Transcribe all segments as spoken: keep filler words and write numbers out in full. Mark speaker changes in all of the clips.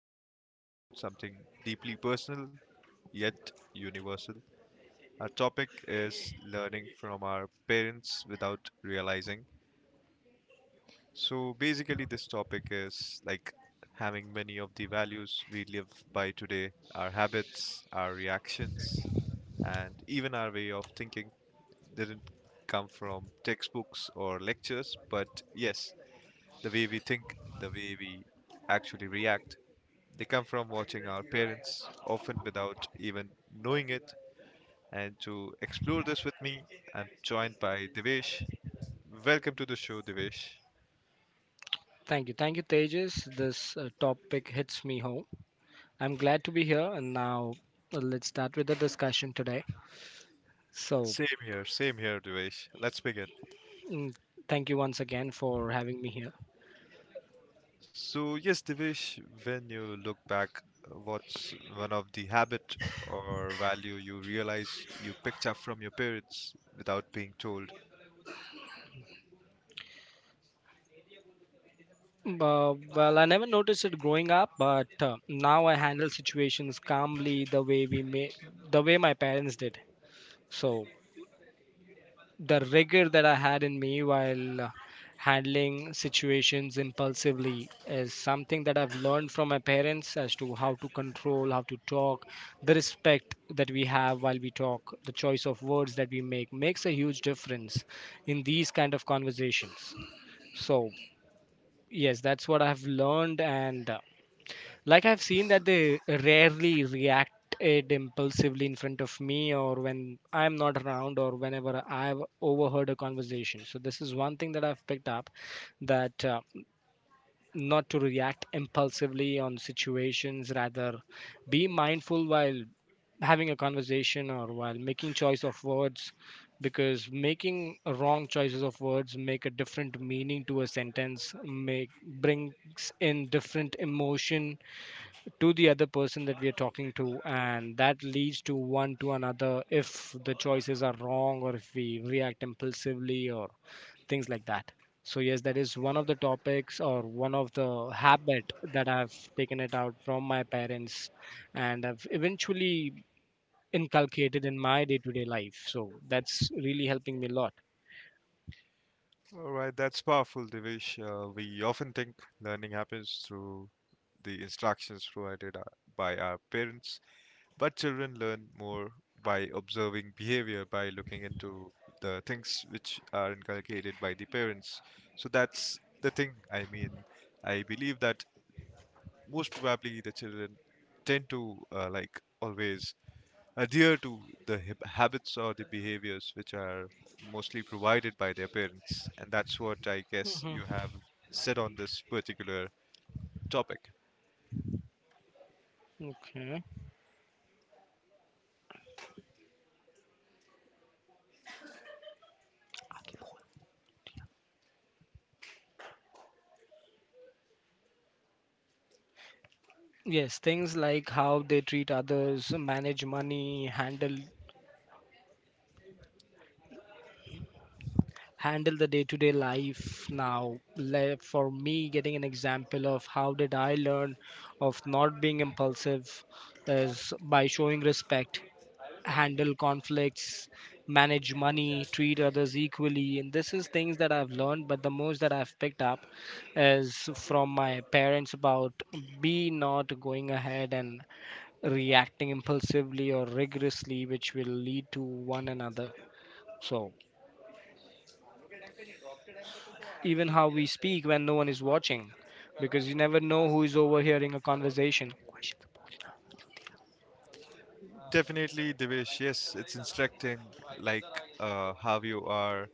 Speaker 1: are talking about something deeply personal yet universal. Our topic is learning from our parents without realizing. So, basically, this topic is like having many of the values we live by today, our habits, our reactions, and even our way of thinking didn't come from textbooks or lectures, but yes, the way we think, the way we actually react. They come from watching our parents, often without even knowing it. And to explore this with me, I'm joined by Devesh. Welcome to the show, Devesh.
Speaker 2: Thank you. Thank you, Tejas. This uh, topic hits me home. I'm glad to be here. And now uh, let's start with the discussion today. So,
Speaker 1: Same here, same here, Devesh. Let's begin.
Speaker 2: mm, thank you once again for having me here.
Speaker 1: So, yes, Devesh, when you look back, what's one of the habit or value you realize you picked up from your parents without being told?
Speaker 2: Mm, Uh, well, I never noticed it growing up, but uh, now I handle situations calmly the way we may, the way my parents did. So the rigor that I had in me while uh, handling situations impulsively is something that I've learned from my parents as to how to control, how to talk, the respect that we have while we talk, the choice of words that we make makes a huge difference in these kind of conversations. So, yes, that's what I've learned and uh, like I've seen that they rarely react it impulsively in front of me or when I'm not around or whenever I've overheard a conversation. So this is one thing that I've picked up that uh, not to react impulsively on situations rather be mindful while having a conversation or while making choice of words, because making wrong choices of words make a different meaning to a sentence make brings in different emotion to the other person that we are talking to, and that leads to one to another if the choices are wrong or if we react impulsively or things like that. So yes, that is one of the topics or one of the habit that I've taken it out from my parents, and I've eventually inculcated in my day-to-day life. So that's really helping me a lot.
Speaker 1: All right, that's powerful, Devish. Uh, we often think learning happens through the instructions provided uh, by our parents, but children learn more by observing behavior, by looking into the things which are inculcated by the parents. So that's the thing. I mean, I believe that most probably the children tend to uh, like always adhere to the hab- habits or the behaviors which are mostly provided by their parents. And that's what I guess
Speaker 2: Hmm.
Speaker 1: you have said on this particular topic.
Speaker 2: Okay. Yes, things like how they treat others, manage money, handle handle the day-to-day life. Now like for me, getting an example of how did I learn of not being impulsive is by showing respect, handle conflicts, manage money, treat others equally. And this is things that I've learned, but the most that I've picked up is from my parents about be not going ahead and reacting impulsively or rigorously which will lead to one another. So even how we speak when no one is watching, because you never know who is overhearing a conversation.
Speaker 1: Definitely, Devesh, yes, it's instructing like uh, how you are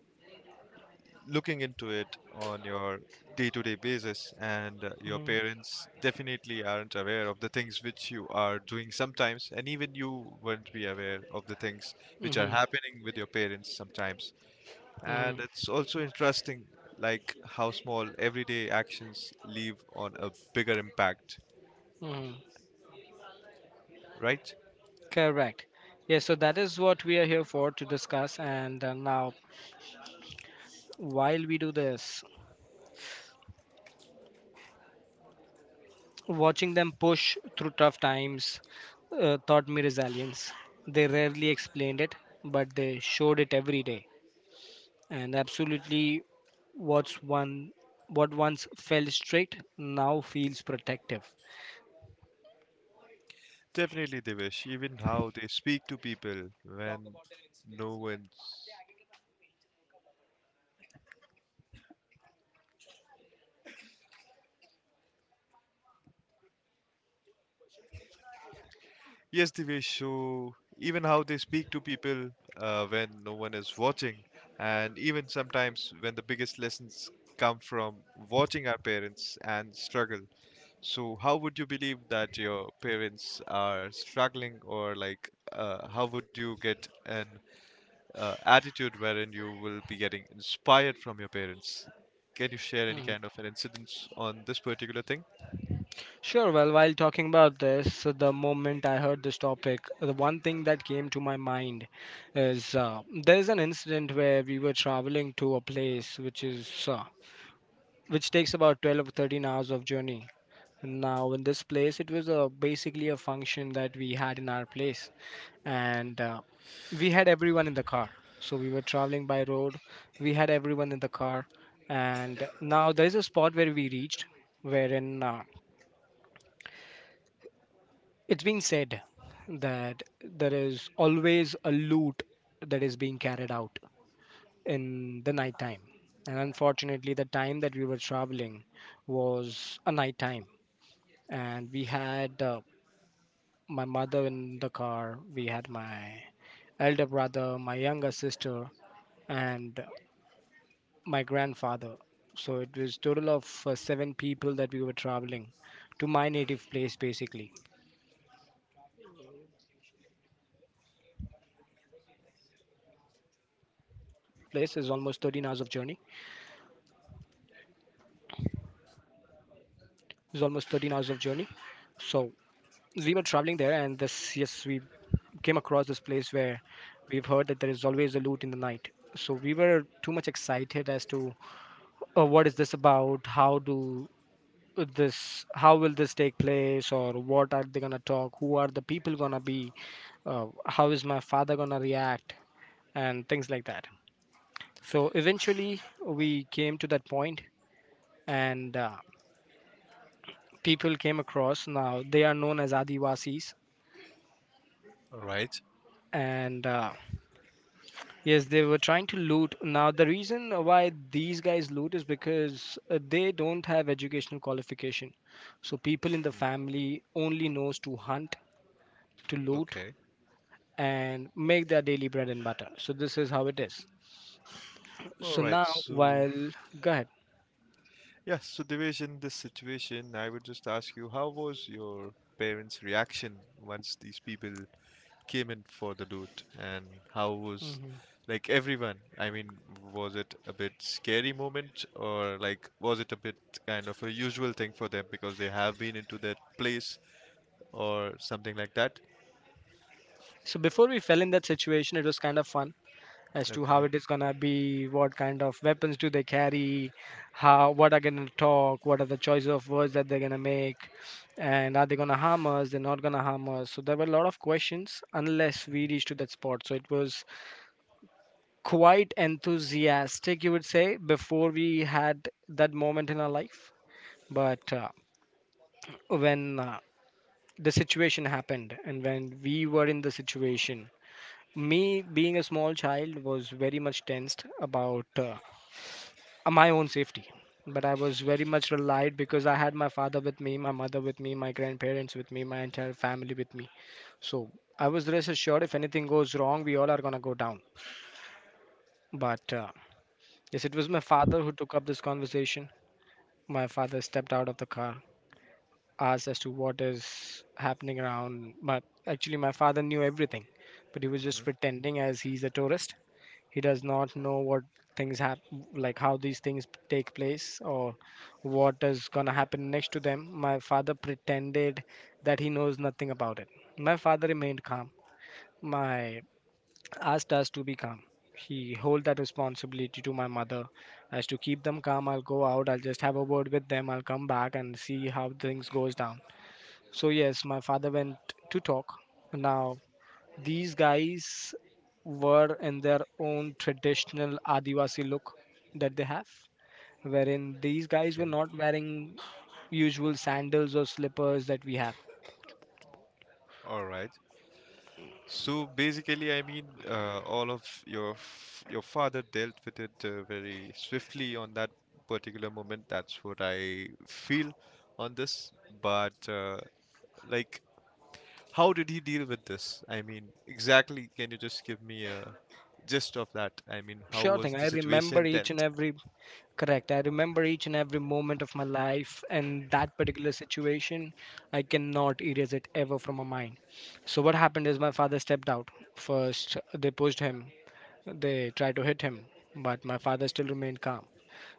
Speaker 1: looking into it on your day to day basis, and uh, your
Speaker 2: Hmm.
Speaker 1: parents definitely aren't aware of the things which you are doing sometimes, and even you wouldn't be aware of the things which are
Speaker 2: Hmm.
Speaker 1: happening with your parents sometimes. And
Speaker 2: Hmm.
Speaker 1: it's also interesting, like how small everyday actions leave on a bigger impact,
Speaker 2: Hmm.
Speaker 1: right?
Speaker 2: Correct. Yes, so that is what we are here for to discuss. And uh, now, while we do this, watching them push through tough times uh, taught me resilience. They rarely explained it, but they showed it every day. And absolutely, what's one what once felt strict now feels protective.
Speaker 1: Definitely, Devish. Even how they speak to people when no one's. Yes, Divesh. So even how they speak to people uh, when no one is watching, and even sometimes when the biggest lessons come from watching our parents and struggle. So how would you believe that your parents are struggling, or like uh, how would you get an uh, attitude wherein you will be getting inspired from your parents? Can you share any
Speaker 2: Mhm.
Speaker 1: kind of an incidence on this particular thing?
Speaker 2: Sure. Well, while talking about this, the moment I heard this topic, the one thing that came to my mind is uh, there's an incident where we were traveling to a place which is uh, which takes about twelve or thirteen hours of journey. Now, in this place, it was a, basically a function that we had in our place, and uh, we had everyone in the car. So we were traveling by road. We had everyone in the car, and now there is a spot where we reached, wherein uh, it's been said that there is always a loot that is being carried out in the night time. And unfortunately, the time that we were traveling was a night time. And we had uh, my mother in the car, we had my elder brother, my younger sister, and my grandfather. So it was total of uh, seven people that we were traveling to my native place, basically. So now traveling from the location that where we live to my native place is almost thirteen hours of journey. Is almost thirteen hours of journey. So we were traveling there, and this, yes, we came across this place where we've heard that there is always a loot in the night. So we were too much excited as to uh, what is this about? How do this how will this take place, or what are they gonna talk, who are the people gonna be, uh, how is my father gonna react, and things like that. So eventually we came to that point, and uh, people came across. Now they are known as adivasis,
Speaker 1: All right.
Speaker 2: and uh, yes, they were trying to loot. Now the reason why these guys loot is because uh, they don't have educational qualification, so people in the family only knows to hunt, to loot,
Speaker 1: Okay.
Speaker 2: and make their daily bread and butter. So this is how it is.
Speaker 1: All
Speaker 2: So
Speaker 1: right.
Speaker 2: now,
Speaker 1: So
Speaker 2: while— go ahead.
Speaker 1: yeah, so Devesh, in this situation, I would just ask you, how was your parents' reaction once these people came in for the loot? And how
Speaker 2: Hmm.
Speaker 1: was, like, everyone? I mean, was it a bit scary moment or, like, was it a bit kind of a usual thing for them because they have been into that place or something like that?
Speaker 2: So before we fell in that situation, it was kind of fun as to how
Speaker 1: Okay.
Speaker 2: it is gonna be, what kind of weapons do they carry, how what are gonna talk, what are the choice of words that they're gonna make, and are they gonna harm us? They're not gonna harm us. So there were a lot of questions unless we reached to that spot. So it was quite enthusiastic, you would say, before we had that moment in our life. But uh, when uh, the situation happened, and when we were in the situation, me being a small child was very much tensed about uh, my own safety. But I was very much relied, because I had my father with me, my mother with me, my grandparents with me, my entire family with me. So I was rest assured, if anything goes wrong, we all are going to go down. But uh, yes, it was my father who took up this conversation. My father stepped out of the car, asked as to what is happening around. But actually, my father knew everything, but he was just
Speaker 1: Hmm.
Speaker 2: pretending as he's a tourist. He does not know what things happen, like how these things take place or what is gonna happen next to them. My father pretended that he knows nothing about it. My father remained calm. My— asked us to be calm. He hold that responsibility to my mother as to keep them calm. I'll go out. I'll just have a word with them. I'll come back and see how things goes down. So yes, my father went to talk. Now these guys were in their own traditional Adivasi look that they have, wherein these guys
Speaker 1: Okay.
Speaker 2: were not wearing usual sandals or slippers that we have.
Speaker 1: All right. So basically, I mean, uh, all of your f- your father dealt with it uh, very swiftly on that particular moment. That's what I feel on this. But uh, like, how did he deal with this? I mean, exactly, can you just give me a gist of that? I mean, how
Speaker 2: Sure
Speaker 1: was
Speaker 2: thing,
Speaker 1: the
Speaker 2: I remember
Speaker 1: situation
Speaker 2: each
Speaker 1: dealt?
Speaker 2: and every Correct. I remember each and every moment of my life and that particular situation. I cannot erase it ever from my mind. So, what happened is my father stepped out. First, they pushed him, they tried to hit him, but my father still remained calm.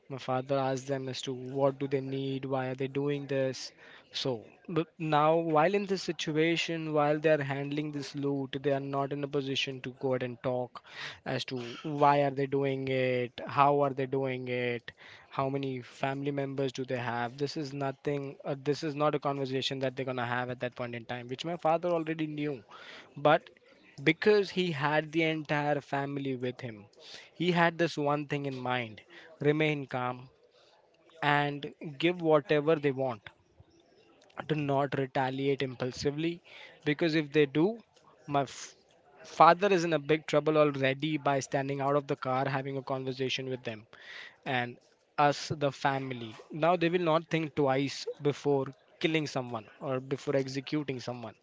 Speaker 2: My father asked them as to what do they need, why are they doing this. So, but now while in this situation, while they are handling this loot, they are not in a position to go ahead and talk as to why are they doing it, how are they doing it, how many family members do they have. This is nothing. Uh, this is not a conversation that they're gonna have at that point in time, which my father already knew, but because he had the entire family with him, he had this one thing in mind: remain calm, and give whatever they want. Do not retaliate impulsively, because if they do, my f- father is in a big trouble already by standing out of the car having a conversation with them, and us the family. Now they will not think twice before killing someone or before executing someone.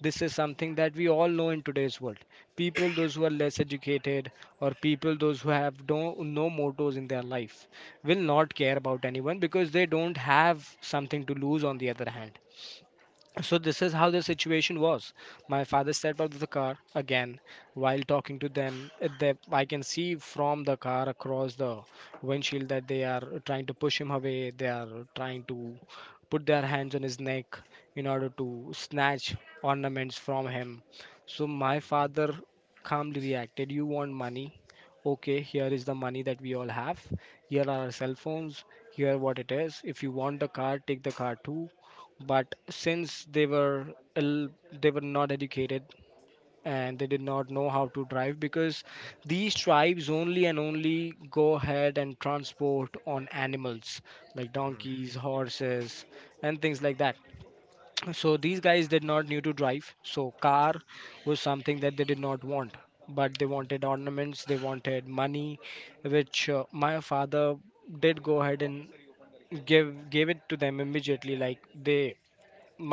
Speaker 2: This is something that we all know in today's world. People those who are less educated, or people those who have no, no mottos in their life, will not care about anyone, because they don't have something to lose on the other hand. So this is how the situation was. My father stepped out of the car again while talking to them. Uh, They— I can see from the car across the windshield that they are trying to push him away. They are trying to put their hands on his neck in order to snatch ornaments from him. So my father calmly reacted, "You want money? Okay, here is the money that we all have. Here are our cell phones. Here what it is." If you want the car, take the car too, but since they were ill, they were not educated, and they did not know how to drive because these tribes only and only go ahead and transport on animals like donkeys, horses, and things like that. So these guys did not need to drive, so car was something that they did not want, but they wanted ornaments, they wanted money, which uh, my father did go ahead and give gave it to them immediately. like they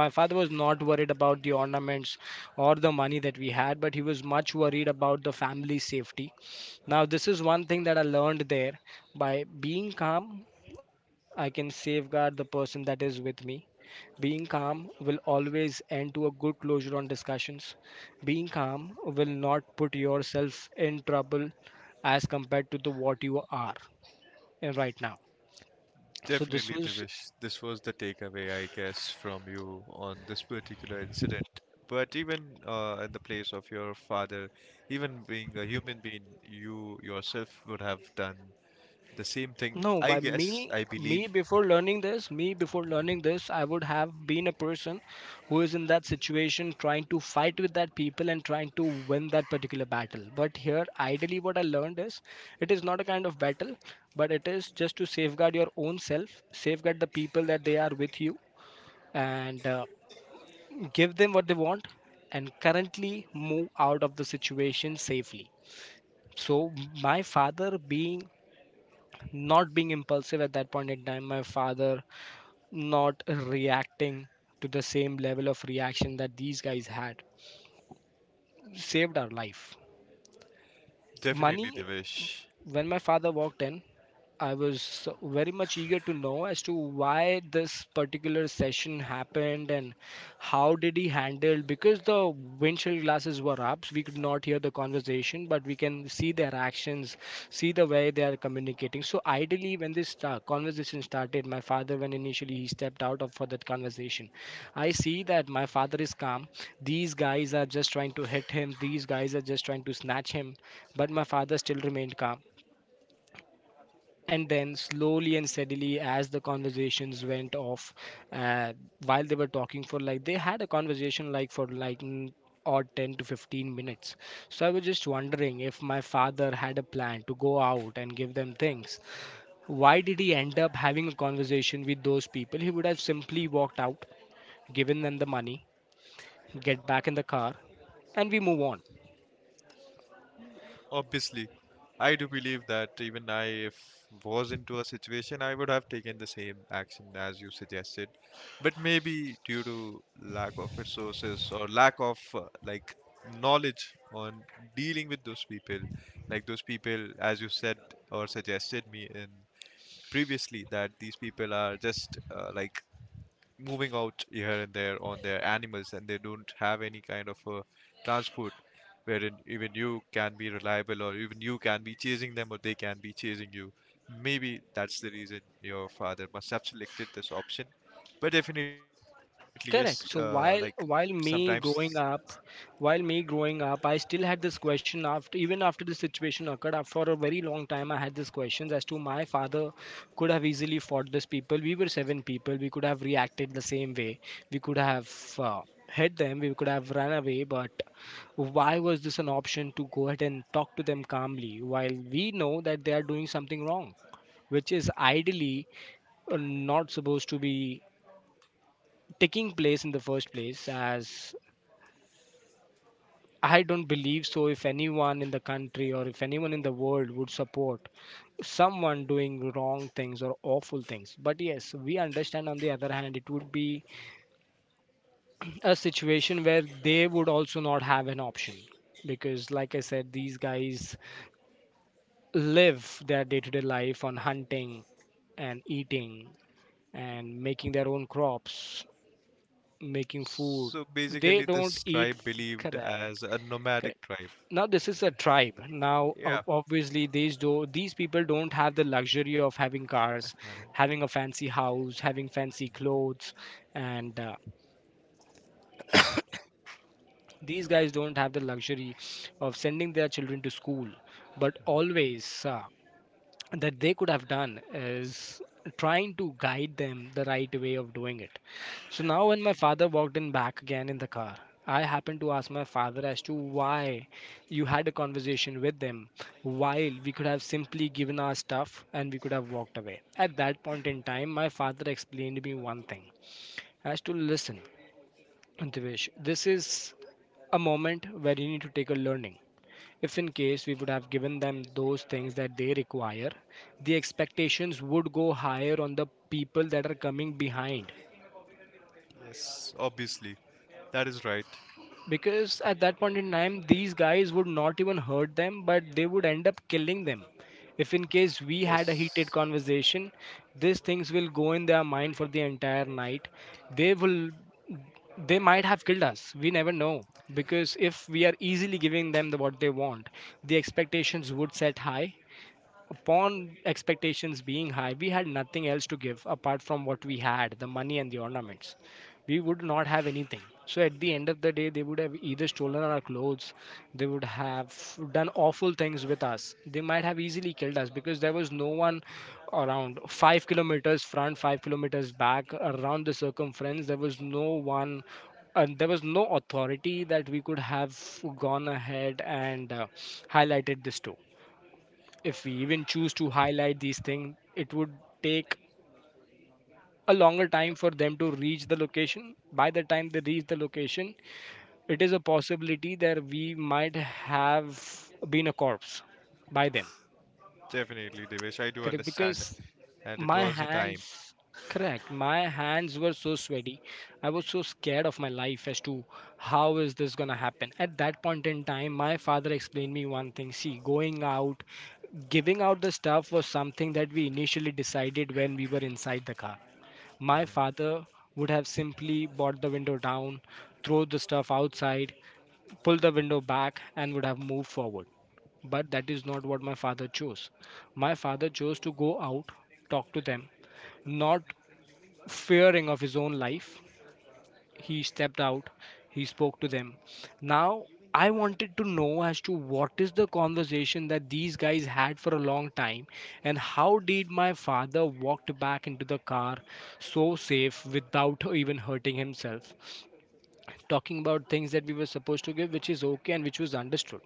Speaker 2: my father was not worried about the ornaments or the money that we had, but he was much worried about the family safety. Now, this is one thing that I learned there. By being calm, I can safeguard the person that is with me. Being calm will always end to a good closure on discussions. Being calm will not put yourself in trouble as compared to the what you are in right now. So this
Speaker 1: Definitely,
Speaker 2: was.
Speaker 1: Divish. This was the takeaway, I guess, from you on this particular incident. But even uh, in the place of your father, even being a human being, you yourself would have done the same thing,
Speaker 2: No,
Speaker 1: I
Speaker 2: by
Speaker 1: guess,
Speaker 2: me,
Speaker 1: I believe.
Speaker 2: me before learning this, me before learning this, I would have been a person who is in that situation trying to fight with that people and trying to win that particular battle. But here, ideally, what I learned is it is not a kind of battle, but it is just to safeguard your own self, safeguard the people that they are with you, and uh, give them what they want, and currently move out of the situation safely. So, my father being not being impulsive at that point in time, my father not reacting to the same level of reaction that these guys had, saved our life.
Speaker 1: Definitely,
Speaker 2: Money.
Speaker 1: Divish.
Speaker 2: When my father walked in, I was very much eager to know as to why this particular session happened and how did he handle, because the windshield glasses were up, we could not hear the conversation, but we can see their actions, see the way they are communicating. So ideally, when this sta- conversation started, my father, when initially he stepped out of for that conversation, I see that my father is calm. These guys are just trying to hit him, these guys are just trying to snatch him, but my father still remained calm. And then slowly and steadily, as the conversations went off, uh, while they were talking for like, they had a conversation like for like, mm, or ten to fifteen minutes. So I was just wondering, if my father had a plan to go out and give them things, why did he end up having a conversation with those people? He would have simply walked out, given them the money, get back in the car, and we move on.
Speaker 1: Obviously, I do believe that even I, if was into a situation, I would have taken the same action as you suggested, but maybe due to lack of resources or lack of uh, like knowledge on dealing with those people, like those people, as you said or suggested me in previously, that these people are just uh, like moving out here and there on their animals and they don't have any kind of uh, transport wherein even you can be reliable or even you can be chasing them or they can be chasing you. Maybe that's the reason your father must have selected this option. But definitely, yes, uh, like
Speaker 2: Correct. So while
Speaker 1: sometimes.
Speaker 2: while me growing up, while me growing up, I still had this question after even after the situation occurred. uh, For a very long time, I had this question as to my father could have easily fought these people. We were seven people. We could have reacted the same way. We could have uh, hit them. We could have run away. But why was this an option to go ahead and talk to them calmly, while we know that they are doing something wrong, which is ideally uh, not supposed to be taking place in the first place, as I don't believe so if anyone in the country or if anyone in the world would support someone doing wrong things or awful things. But yes, we understand, on the other hand it would be a situation where they would also not have an option, because like I said, these guys live their day-to-day life on hunting and eating and making their own crops, making food.
Speaker 1: So
Speaker 2: They
Speaker 1: basically,
Speaker 2: don't
Speaker 1: this
Speaker 2: eat.
Speaker 1: tribe believed
Speaker 2: Correct.
Speaker 1: as a nomadic tribe.
Speaker 2: Now, this is a tribe. Now,
Speaker 1: Yeah.
Speaker 2: o- obviously, these do these people don't have the luxury of having cars, having a fancy house, having fancy clothes. And uh, these guys don't have the luxury of sending their children to school, but always uh, that they could have done is trying to guide them the right way of doing it. So now, when my father walked in back again in the car, I happened to ask my father as to why you had a conversation with them, while we could have simply given our stuff and we could have walked away. At that point in time, my father explained to me one thing, as to listen, Divesh, this is a moment where you need to take a learning. If in case we would have given them those things that they require, the expectations would go higher on the people that are coming behind.
Speaker 1: Yes, obviously. That is right.
Speaker 2: Because at that point in time, these guys would not even hurt them, but they would end up killing them. If in case we had a
Speaker 1: Yes,
Speaker 2: heated conversation, these things will go in their mind for the entire night. They will, they might have killed us. We never know. Because if we are easily giving them the, what they want, the expectations would set high. Upon expectations being high, we had nothing else to give apart from what we had, the money and the ornaments. We would not have anything. So at the end of the day, they would have either stolen our clothes, they would have done awful things with us. They might have easily killed us, because there was no one around five kilometers front, five kilometers back, around the circumference. There was no one, and there was no authority that we could have gone ahead and uh, highlighted this to. If we even choose to highlight these things, it would take a longer time for them to reach the location. By the time they reach the location, it is a possibility that we might have been a corpse by then.
Speaker 1: definitely, Devesh. I do
Speaker 2: Correct?
Speaker 1: understand
Speaker 2: Because
Speaker 1: and it
Speaker 2: my
Speaker 1: was a time.
Speaker 2: hands, correct. My hands were so sweaty. I was so scared of my life as to how is this gonna happen. At that point in time, my father explained me one thing. See, going out, giving out the stuff was something that we initially decided when we were inside the car. My
Speaker 1: Mhm.
Speaker 2: father would have simply brought the window down, throw the stuff outside, pull the window back, and would have moved forward. But that is not what my father chose. My father chose to go out, talk to them, not fearing of his own life. He stepped out, he spoke to them. Now, I wanted to know as to what is the conversation that these guys had for a long time, and how did my father walked back into the car so safe without even hurting himself, talking about things that we were supposed to give, which is okay and which was understood.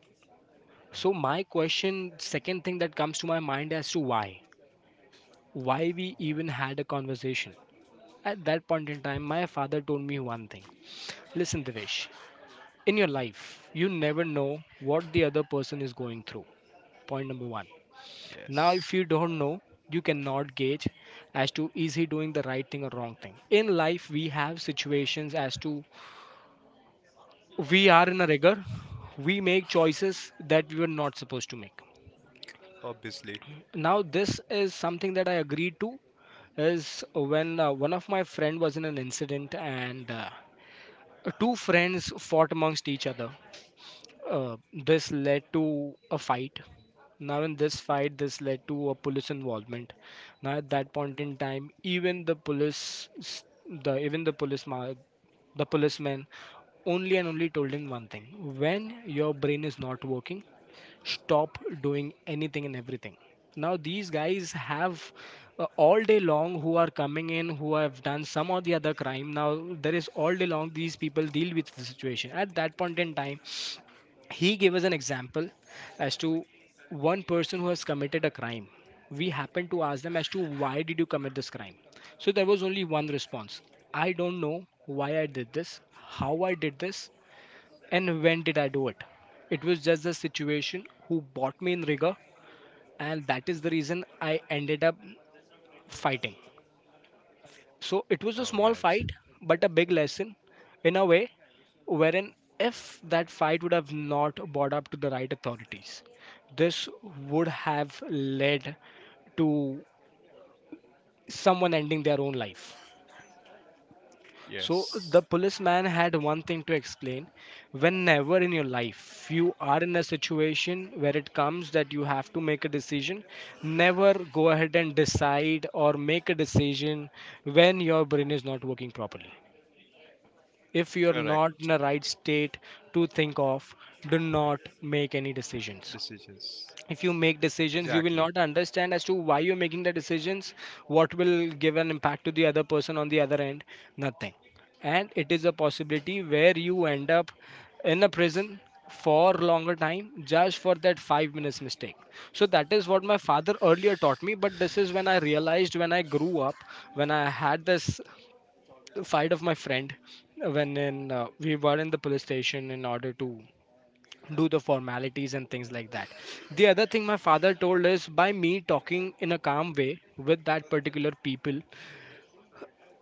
Speaker 2: So my question, second thing that comes to my mind, as to why why we
Speaker 1: All right.
Speaker 2: even had a conversation. At that point in time, my father told me one thing. Listen, Devesh, in your life, you never know what the other person is going through. Point number one. Now,
Speaker 1: Yes,
Speaker 2: if you don't know, you cannot gauge as to is he doing the right thing or wrong thing. In life, we have situations as to we are in a rigor, we make choices that we were not supposed to make.
Speaker 1: obviously.
Speaker 2: Now, this is something that I agreed to, is when uh, one of my friend was in an incident, and uh, two friends fought amongst each other. Uh, this led to a fight. Now, in this fight, this led to a police involvement. Now, at that point in time, even the police, s- the even the police, ma- the policeman only and only told him one thing: when your brain is not working, stop doing anything and everything. Now, these guys have, uh, all day long who are coming in, who have done some or the other crime. Now, there is all day long these people deal with the situation. At that point in time, he gave us an example as to one person who has committed a crime. We happened to ask them as to why did you commit this crime. So there was only one response: I don't know why I did this, how I did this, and when did I do it. It was just the situation who brought me in rigor, and that is the reason I ended up fighting. So it was a
Speaker 1: All
Speaker 2: small
Speaker 1: right.
Speaker 2: fight, but a big lesson, in a way, wherein if that fight would have not brought up to the right authorities, this would have led to someone ending their own life. So the
Speaker 1: Yes,
Speaker 2: policeman had one thing to explain. Whenever in your life you are in a situation where it comes that you have to make a decision, never go ahead and decide or make a decision when your brain is not working properly. If you're
Speaker 1: correct
Speaker 2: not in a right state to think of, do not make any decisions.
Speaker 1: decisions.
Speaker 2: If you make decisions, you will
Speaker 1: Exactly,
Speaker 2: not understand as to why you're making the decisions, what will give an impact to the other person on the other end, nothing. And it is a possibility where you end up in a prison for longer time just for that five minutes mistake. So that is what my father earlier taught me, but this is when I realized when I grew up, when I had this fight of my friend, when in uh, we were in the police station in order to do the formalities and things like that. The other thing my father told is by me talking in a calm way with that particular people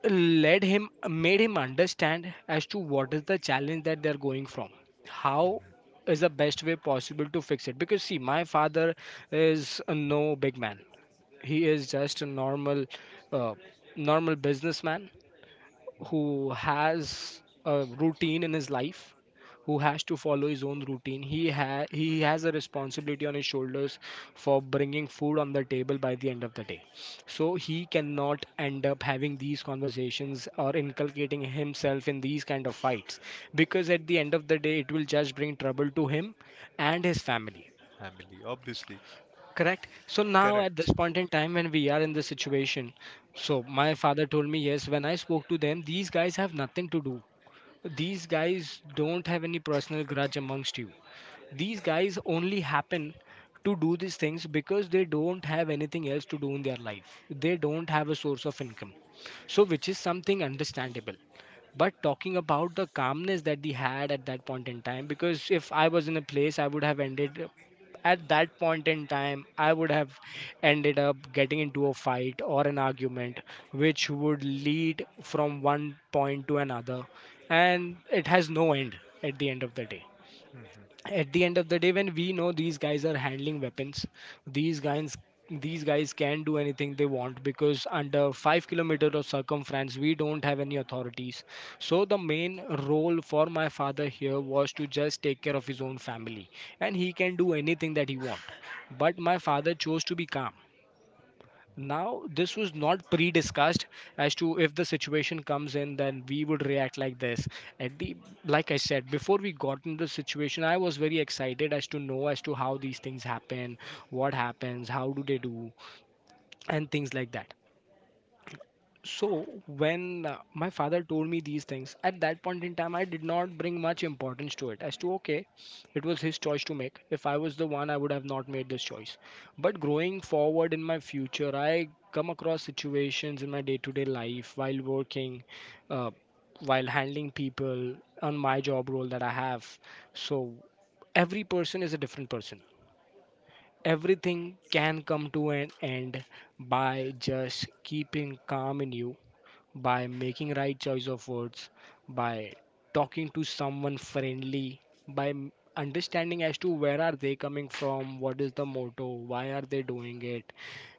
Speaker 2: led him, made him understand as to what is the challenge that they're going from, how is the best way possible to fix it. Because see, my father is no big man, he is just a normal uh, normal businessman who has a routine in his life, who has to follow his own routine. He ha- he has a responsibility on his shoulders for bringing food on the table by the end of the day. So he cannot end up having these conversations or inculcating himself in these kind of fights, because at the end of the day it will just bring trouble to him and his family.
Speaker 1: family. Obviously,
Speaker 2: Correct. So now at
Speaker 1: correct.
Speaker 2: this point in time, when we are in this situation, so my father told me, yes, when I spoke to them, these guys have nothing to do, these guys don't have any personal grudge amongst you, these guys only happen to do these things because they don't have anything else to do in their life. They don't have a source of income. So, which is something understandable. But talking about the calmness that they had at that point in time, because if I was in a place, I would have ended up- at that point in time, I would have ended up getting into a fight or an argument, which would lead from one point to another, and it has no end at the end of the day.
Speaker 1: Mhm.
Speaker 2: At the end of the day, when we know these guys are handling weapons, these guys, these guys can do anything they want, because under five kilometer of circumference we don't have any authorities. So the main role for my father here was to just take care of his own family, and he can do anything that he want. But my father chose to be calm. Now this was not pre-discussed as to if the situation comes in then we would react like this. At the, like I said, before we got into the situation, I was very excited as to know as to how these things happen, what happens, how do they do, and things like that. So when uh, my father told me these things at that point in time, I did not bring much importance to it, as to okay, it was his choice to make. If I was the one, I would have not made this choice. But growing forward in my future, I come across situations in my day to day life while working, uh, while handling people on my job role that I have. So every person is a different person. Everything can come to an end by just keeping calm in you, by making right choice of words, by talking to someone friendly, by m- understanding as to where are they coming from, what is the motto, why are they doing it,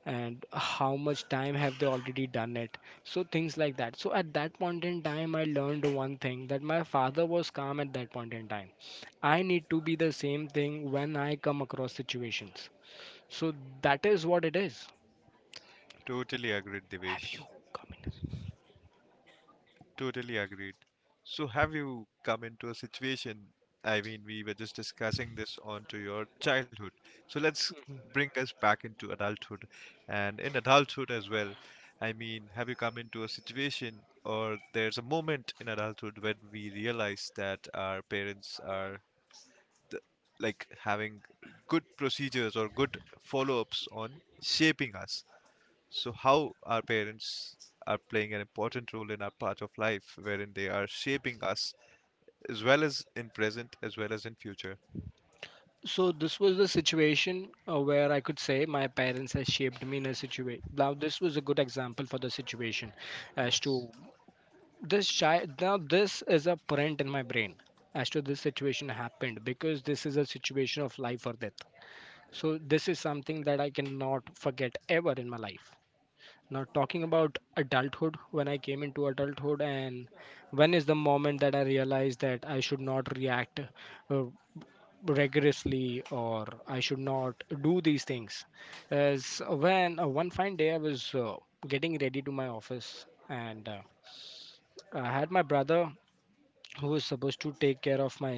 Speaker 2: and how much time have they already done it. So things like that. So at that point in time, I learned one thing, that my father was calm at that point in time. I need to be the same thing when I come across situations. So that is what it is.
Speaker 1: Totally agreed,
Speaker 2: Have you
Speaker 1: Devesh.
Speaker 2: come in?
Speaker 1: Totally agreed. So, have you come into a situation? I mean, we were just discussing this onto your childhood. So, let's bring us back into adulthood and in adulthood as well. I mean, have you come into a situation or there's a moment in adulthood when we realize that our parents are th- like having good procedures or good follow ups on shaping us? So, how our parents are playing an important role in our part of life, wherein they are shaping us as well as in present as well as in future.
Speaker 2: So this was the situation uh, where I could say my parents has shaped me in a situation. Now this was a good example for the situation, as to
Speaker 1: Yes.
Speaker 2: this child, now this is a print in my brain as to this situation happened, because this is a situation of life or death. So this is something that I cannot forget ever in my life. Now talking about adulthood, when I came into adulthood, and when is the moment that I realized that I should not react uh, rigorously, or I should not do these things, as when uh, one fine day I was uh, getting ready to my office, and uh, I had my brother who was supposed to take care of my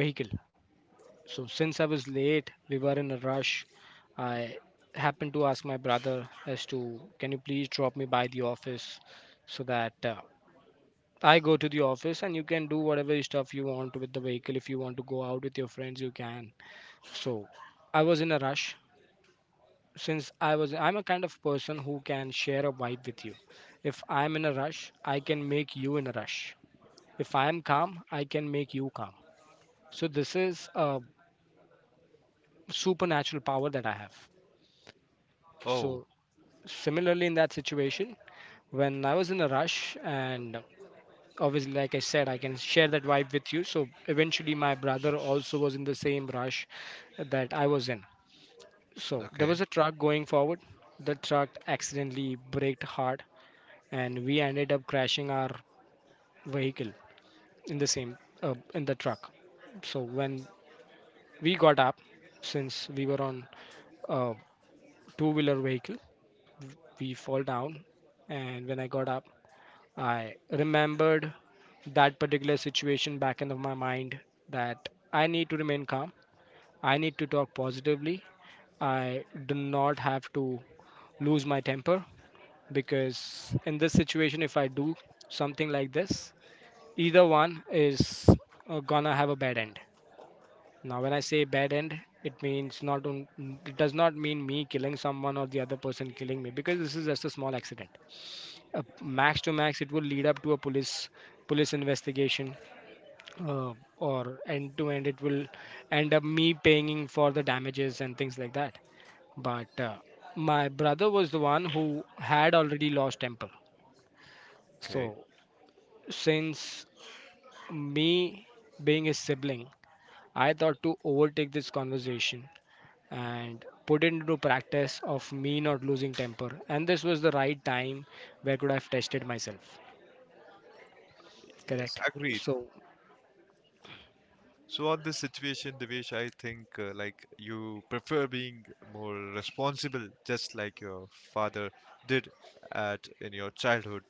Speaker 2: vehicle. So since I was late, we were in a rush. I happened to ask my brother as to can you please drop me by the office, so that uh, I go to the office and you can do whatever stuff you want with the vehicle. If you want to go out with your friends, you can. So I was in a rush. Since I was, I'm a kind of person who can share a vibe with you. If I'm in a rush, I can make you in a rush. If I am calm, I can make you calm. So this is a supernatural power that I have.
Speaker 1: Oh,
Speaker 2: So similarly, in that situation, when I was in a rush and obviously like I said, I can share that vibe with you. So eventually my brother also was in the same rush that I was in. So there
Speaker 1: okay.
Speaker 2: was a truck going forward. The truck accidentally braked hard and we ended up crashing our vehicle in the same uh, in the truck. So when we got up, since we were on a two wheeler vehicle, we fall down, and when I got up, I remembered that particular situation back in my mind, that I need to remain calm, I need to talk positively. I do not have to lose my temper, because in this situation, if I do something like this, either one is uh, gonna have a bad end. Now when I say bad end, it means not on, it does not mean me killing someone or the other person killing me, because this is just a small accident. Uh, max to max it will lead up to a police police investigation, uh, or end to end it will end up me paying for the damages and things like that. But uh, my brother was the one who had already lost temper.
Speaker 1: Okay.
Speaker 2: So since me being his sibling, I thought to overtake this conversation and put it into practice of me not losing temper. And this was the right time where I could have tested myself.
Speaker 1: Yes,
Speaker 2: Correct.
Speaker 1: agreed.
Speaker 2: So,
Speaker 1: So on this situation, Devesh, I think uh, like you prefer being more responsible, just like your father did at in your childhood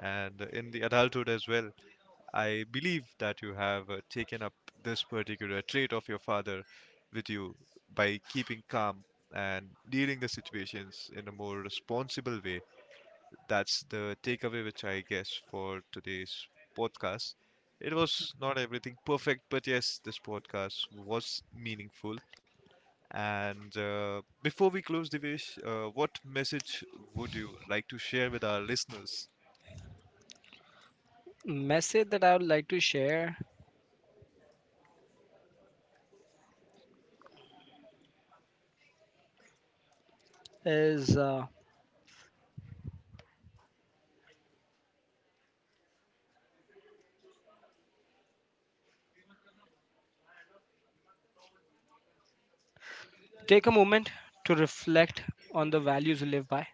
Speaker 1: and in the adulthood as well. I believe that you have uh, taken up this particular trait of your father with you by keeping calm and dealing the situations in a more responsible way. That's the takeaway which I guess for today's podcast. It was not everything perfect, but yes, this podcast was meaningful. And uh, before we close, Divesh, uh, what message would you like to share with our listeners?
Speaker 2: message that I would like to share is uh, take a moment to reflect on the values you live by.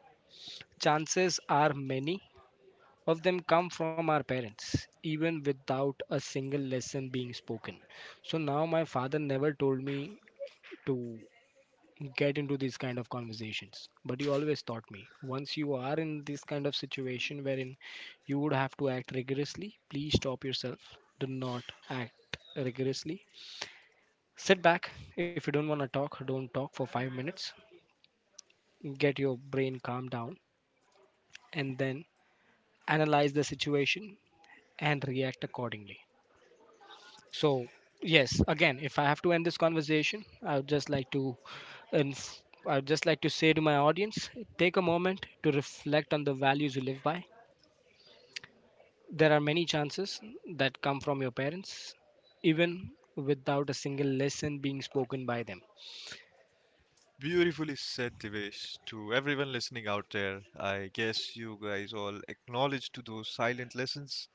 Speaker 2: Chances are many of them come from our parents, even without a single lesson being spoken. So now my father never told me to get into these kind of conversations, but you always taught me once you are in this kind of situation wherein you would have to act rigorously, please stop yourself, do not act rigorously, sit back, if you don't want to talk, don't talk for five minutes, get your brain calmed down, and then analyze the situation and react accordingly. So, yes, again, if I have to end this conversation, I would just like to inf- I would just like to say to my audience, take a moment to reflect on the values you live by. There are many chances that come from your parents, even without a single lesson being spoken by them.
Speaker 1: Beautifully said, Devesh. To everyone listening out there, I guess you guys all acknowledge to those silent lessons.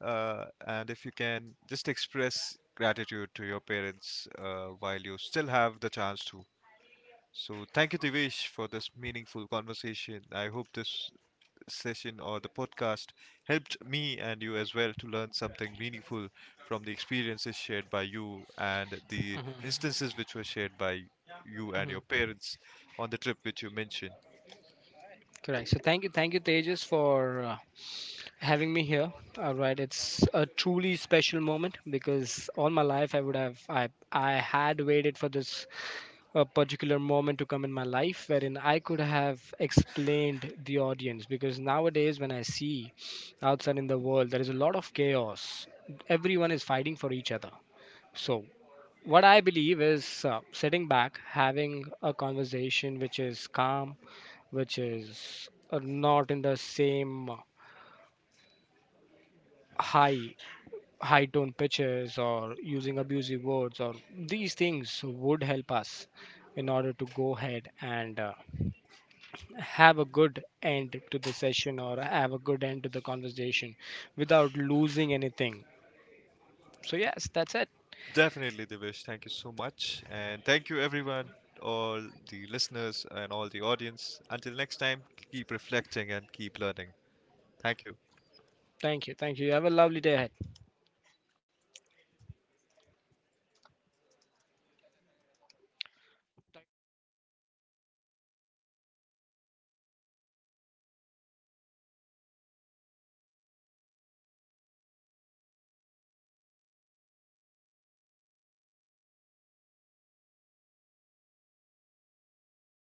Speaker 1: Uh, and if you can, just express gratitude to your parents uh, while you still have the chance to. So, thank you, Devesh, for this meaningful conversation. I hope this session or the podcast helped me and you as well to learn something meaningful from the experiences shared by you and the
Speaker 2: Mm-hmm.
Speaker 1: instances which were shared by you and your
Speaker 2: Hmm.
Speaker 1: parents on the trip which you mentioned.
Speaker 2: Correct. So thank you, thank you, Tejas, for uh, having me here. All right, it's a truly special moment because all my life I would have I I had waited for this a particular moment to come in my life wherein I could have explained the audience, because nowadays when I see outside in the world there is a lot of chaos, everyone is fighting for each other. So what I believe is uh, sitting back having a conversation which is calm, which is uh, not in the same high high tone pitches or using abusive words or these things would help us in order to go ahead and uh, have a good end to the session or have a good end to the conversation without losing anything. So, yes, that's it.
Speaker 1: Definitely, Divish. Thank you so much. And thank you, everyone, all the listeners and all the audience. Until next time, keep reflecting and keep learning. Thank you.
Speaker 2: Thank you. Thank you. Have a lovely day ahead.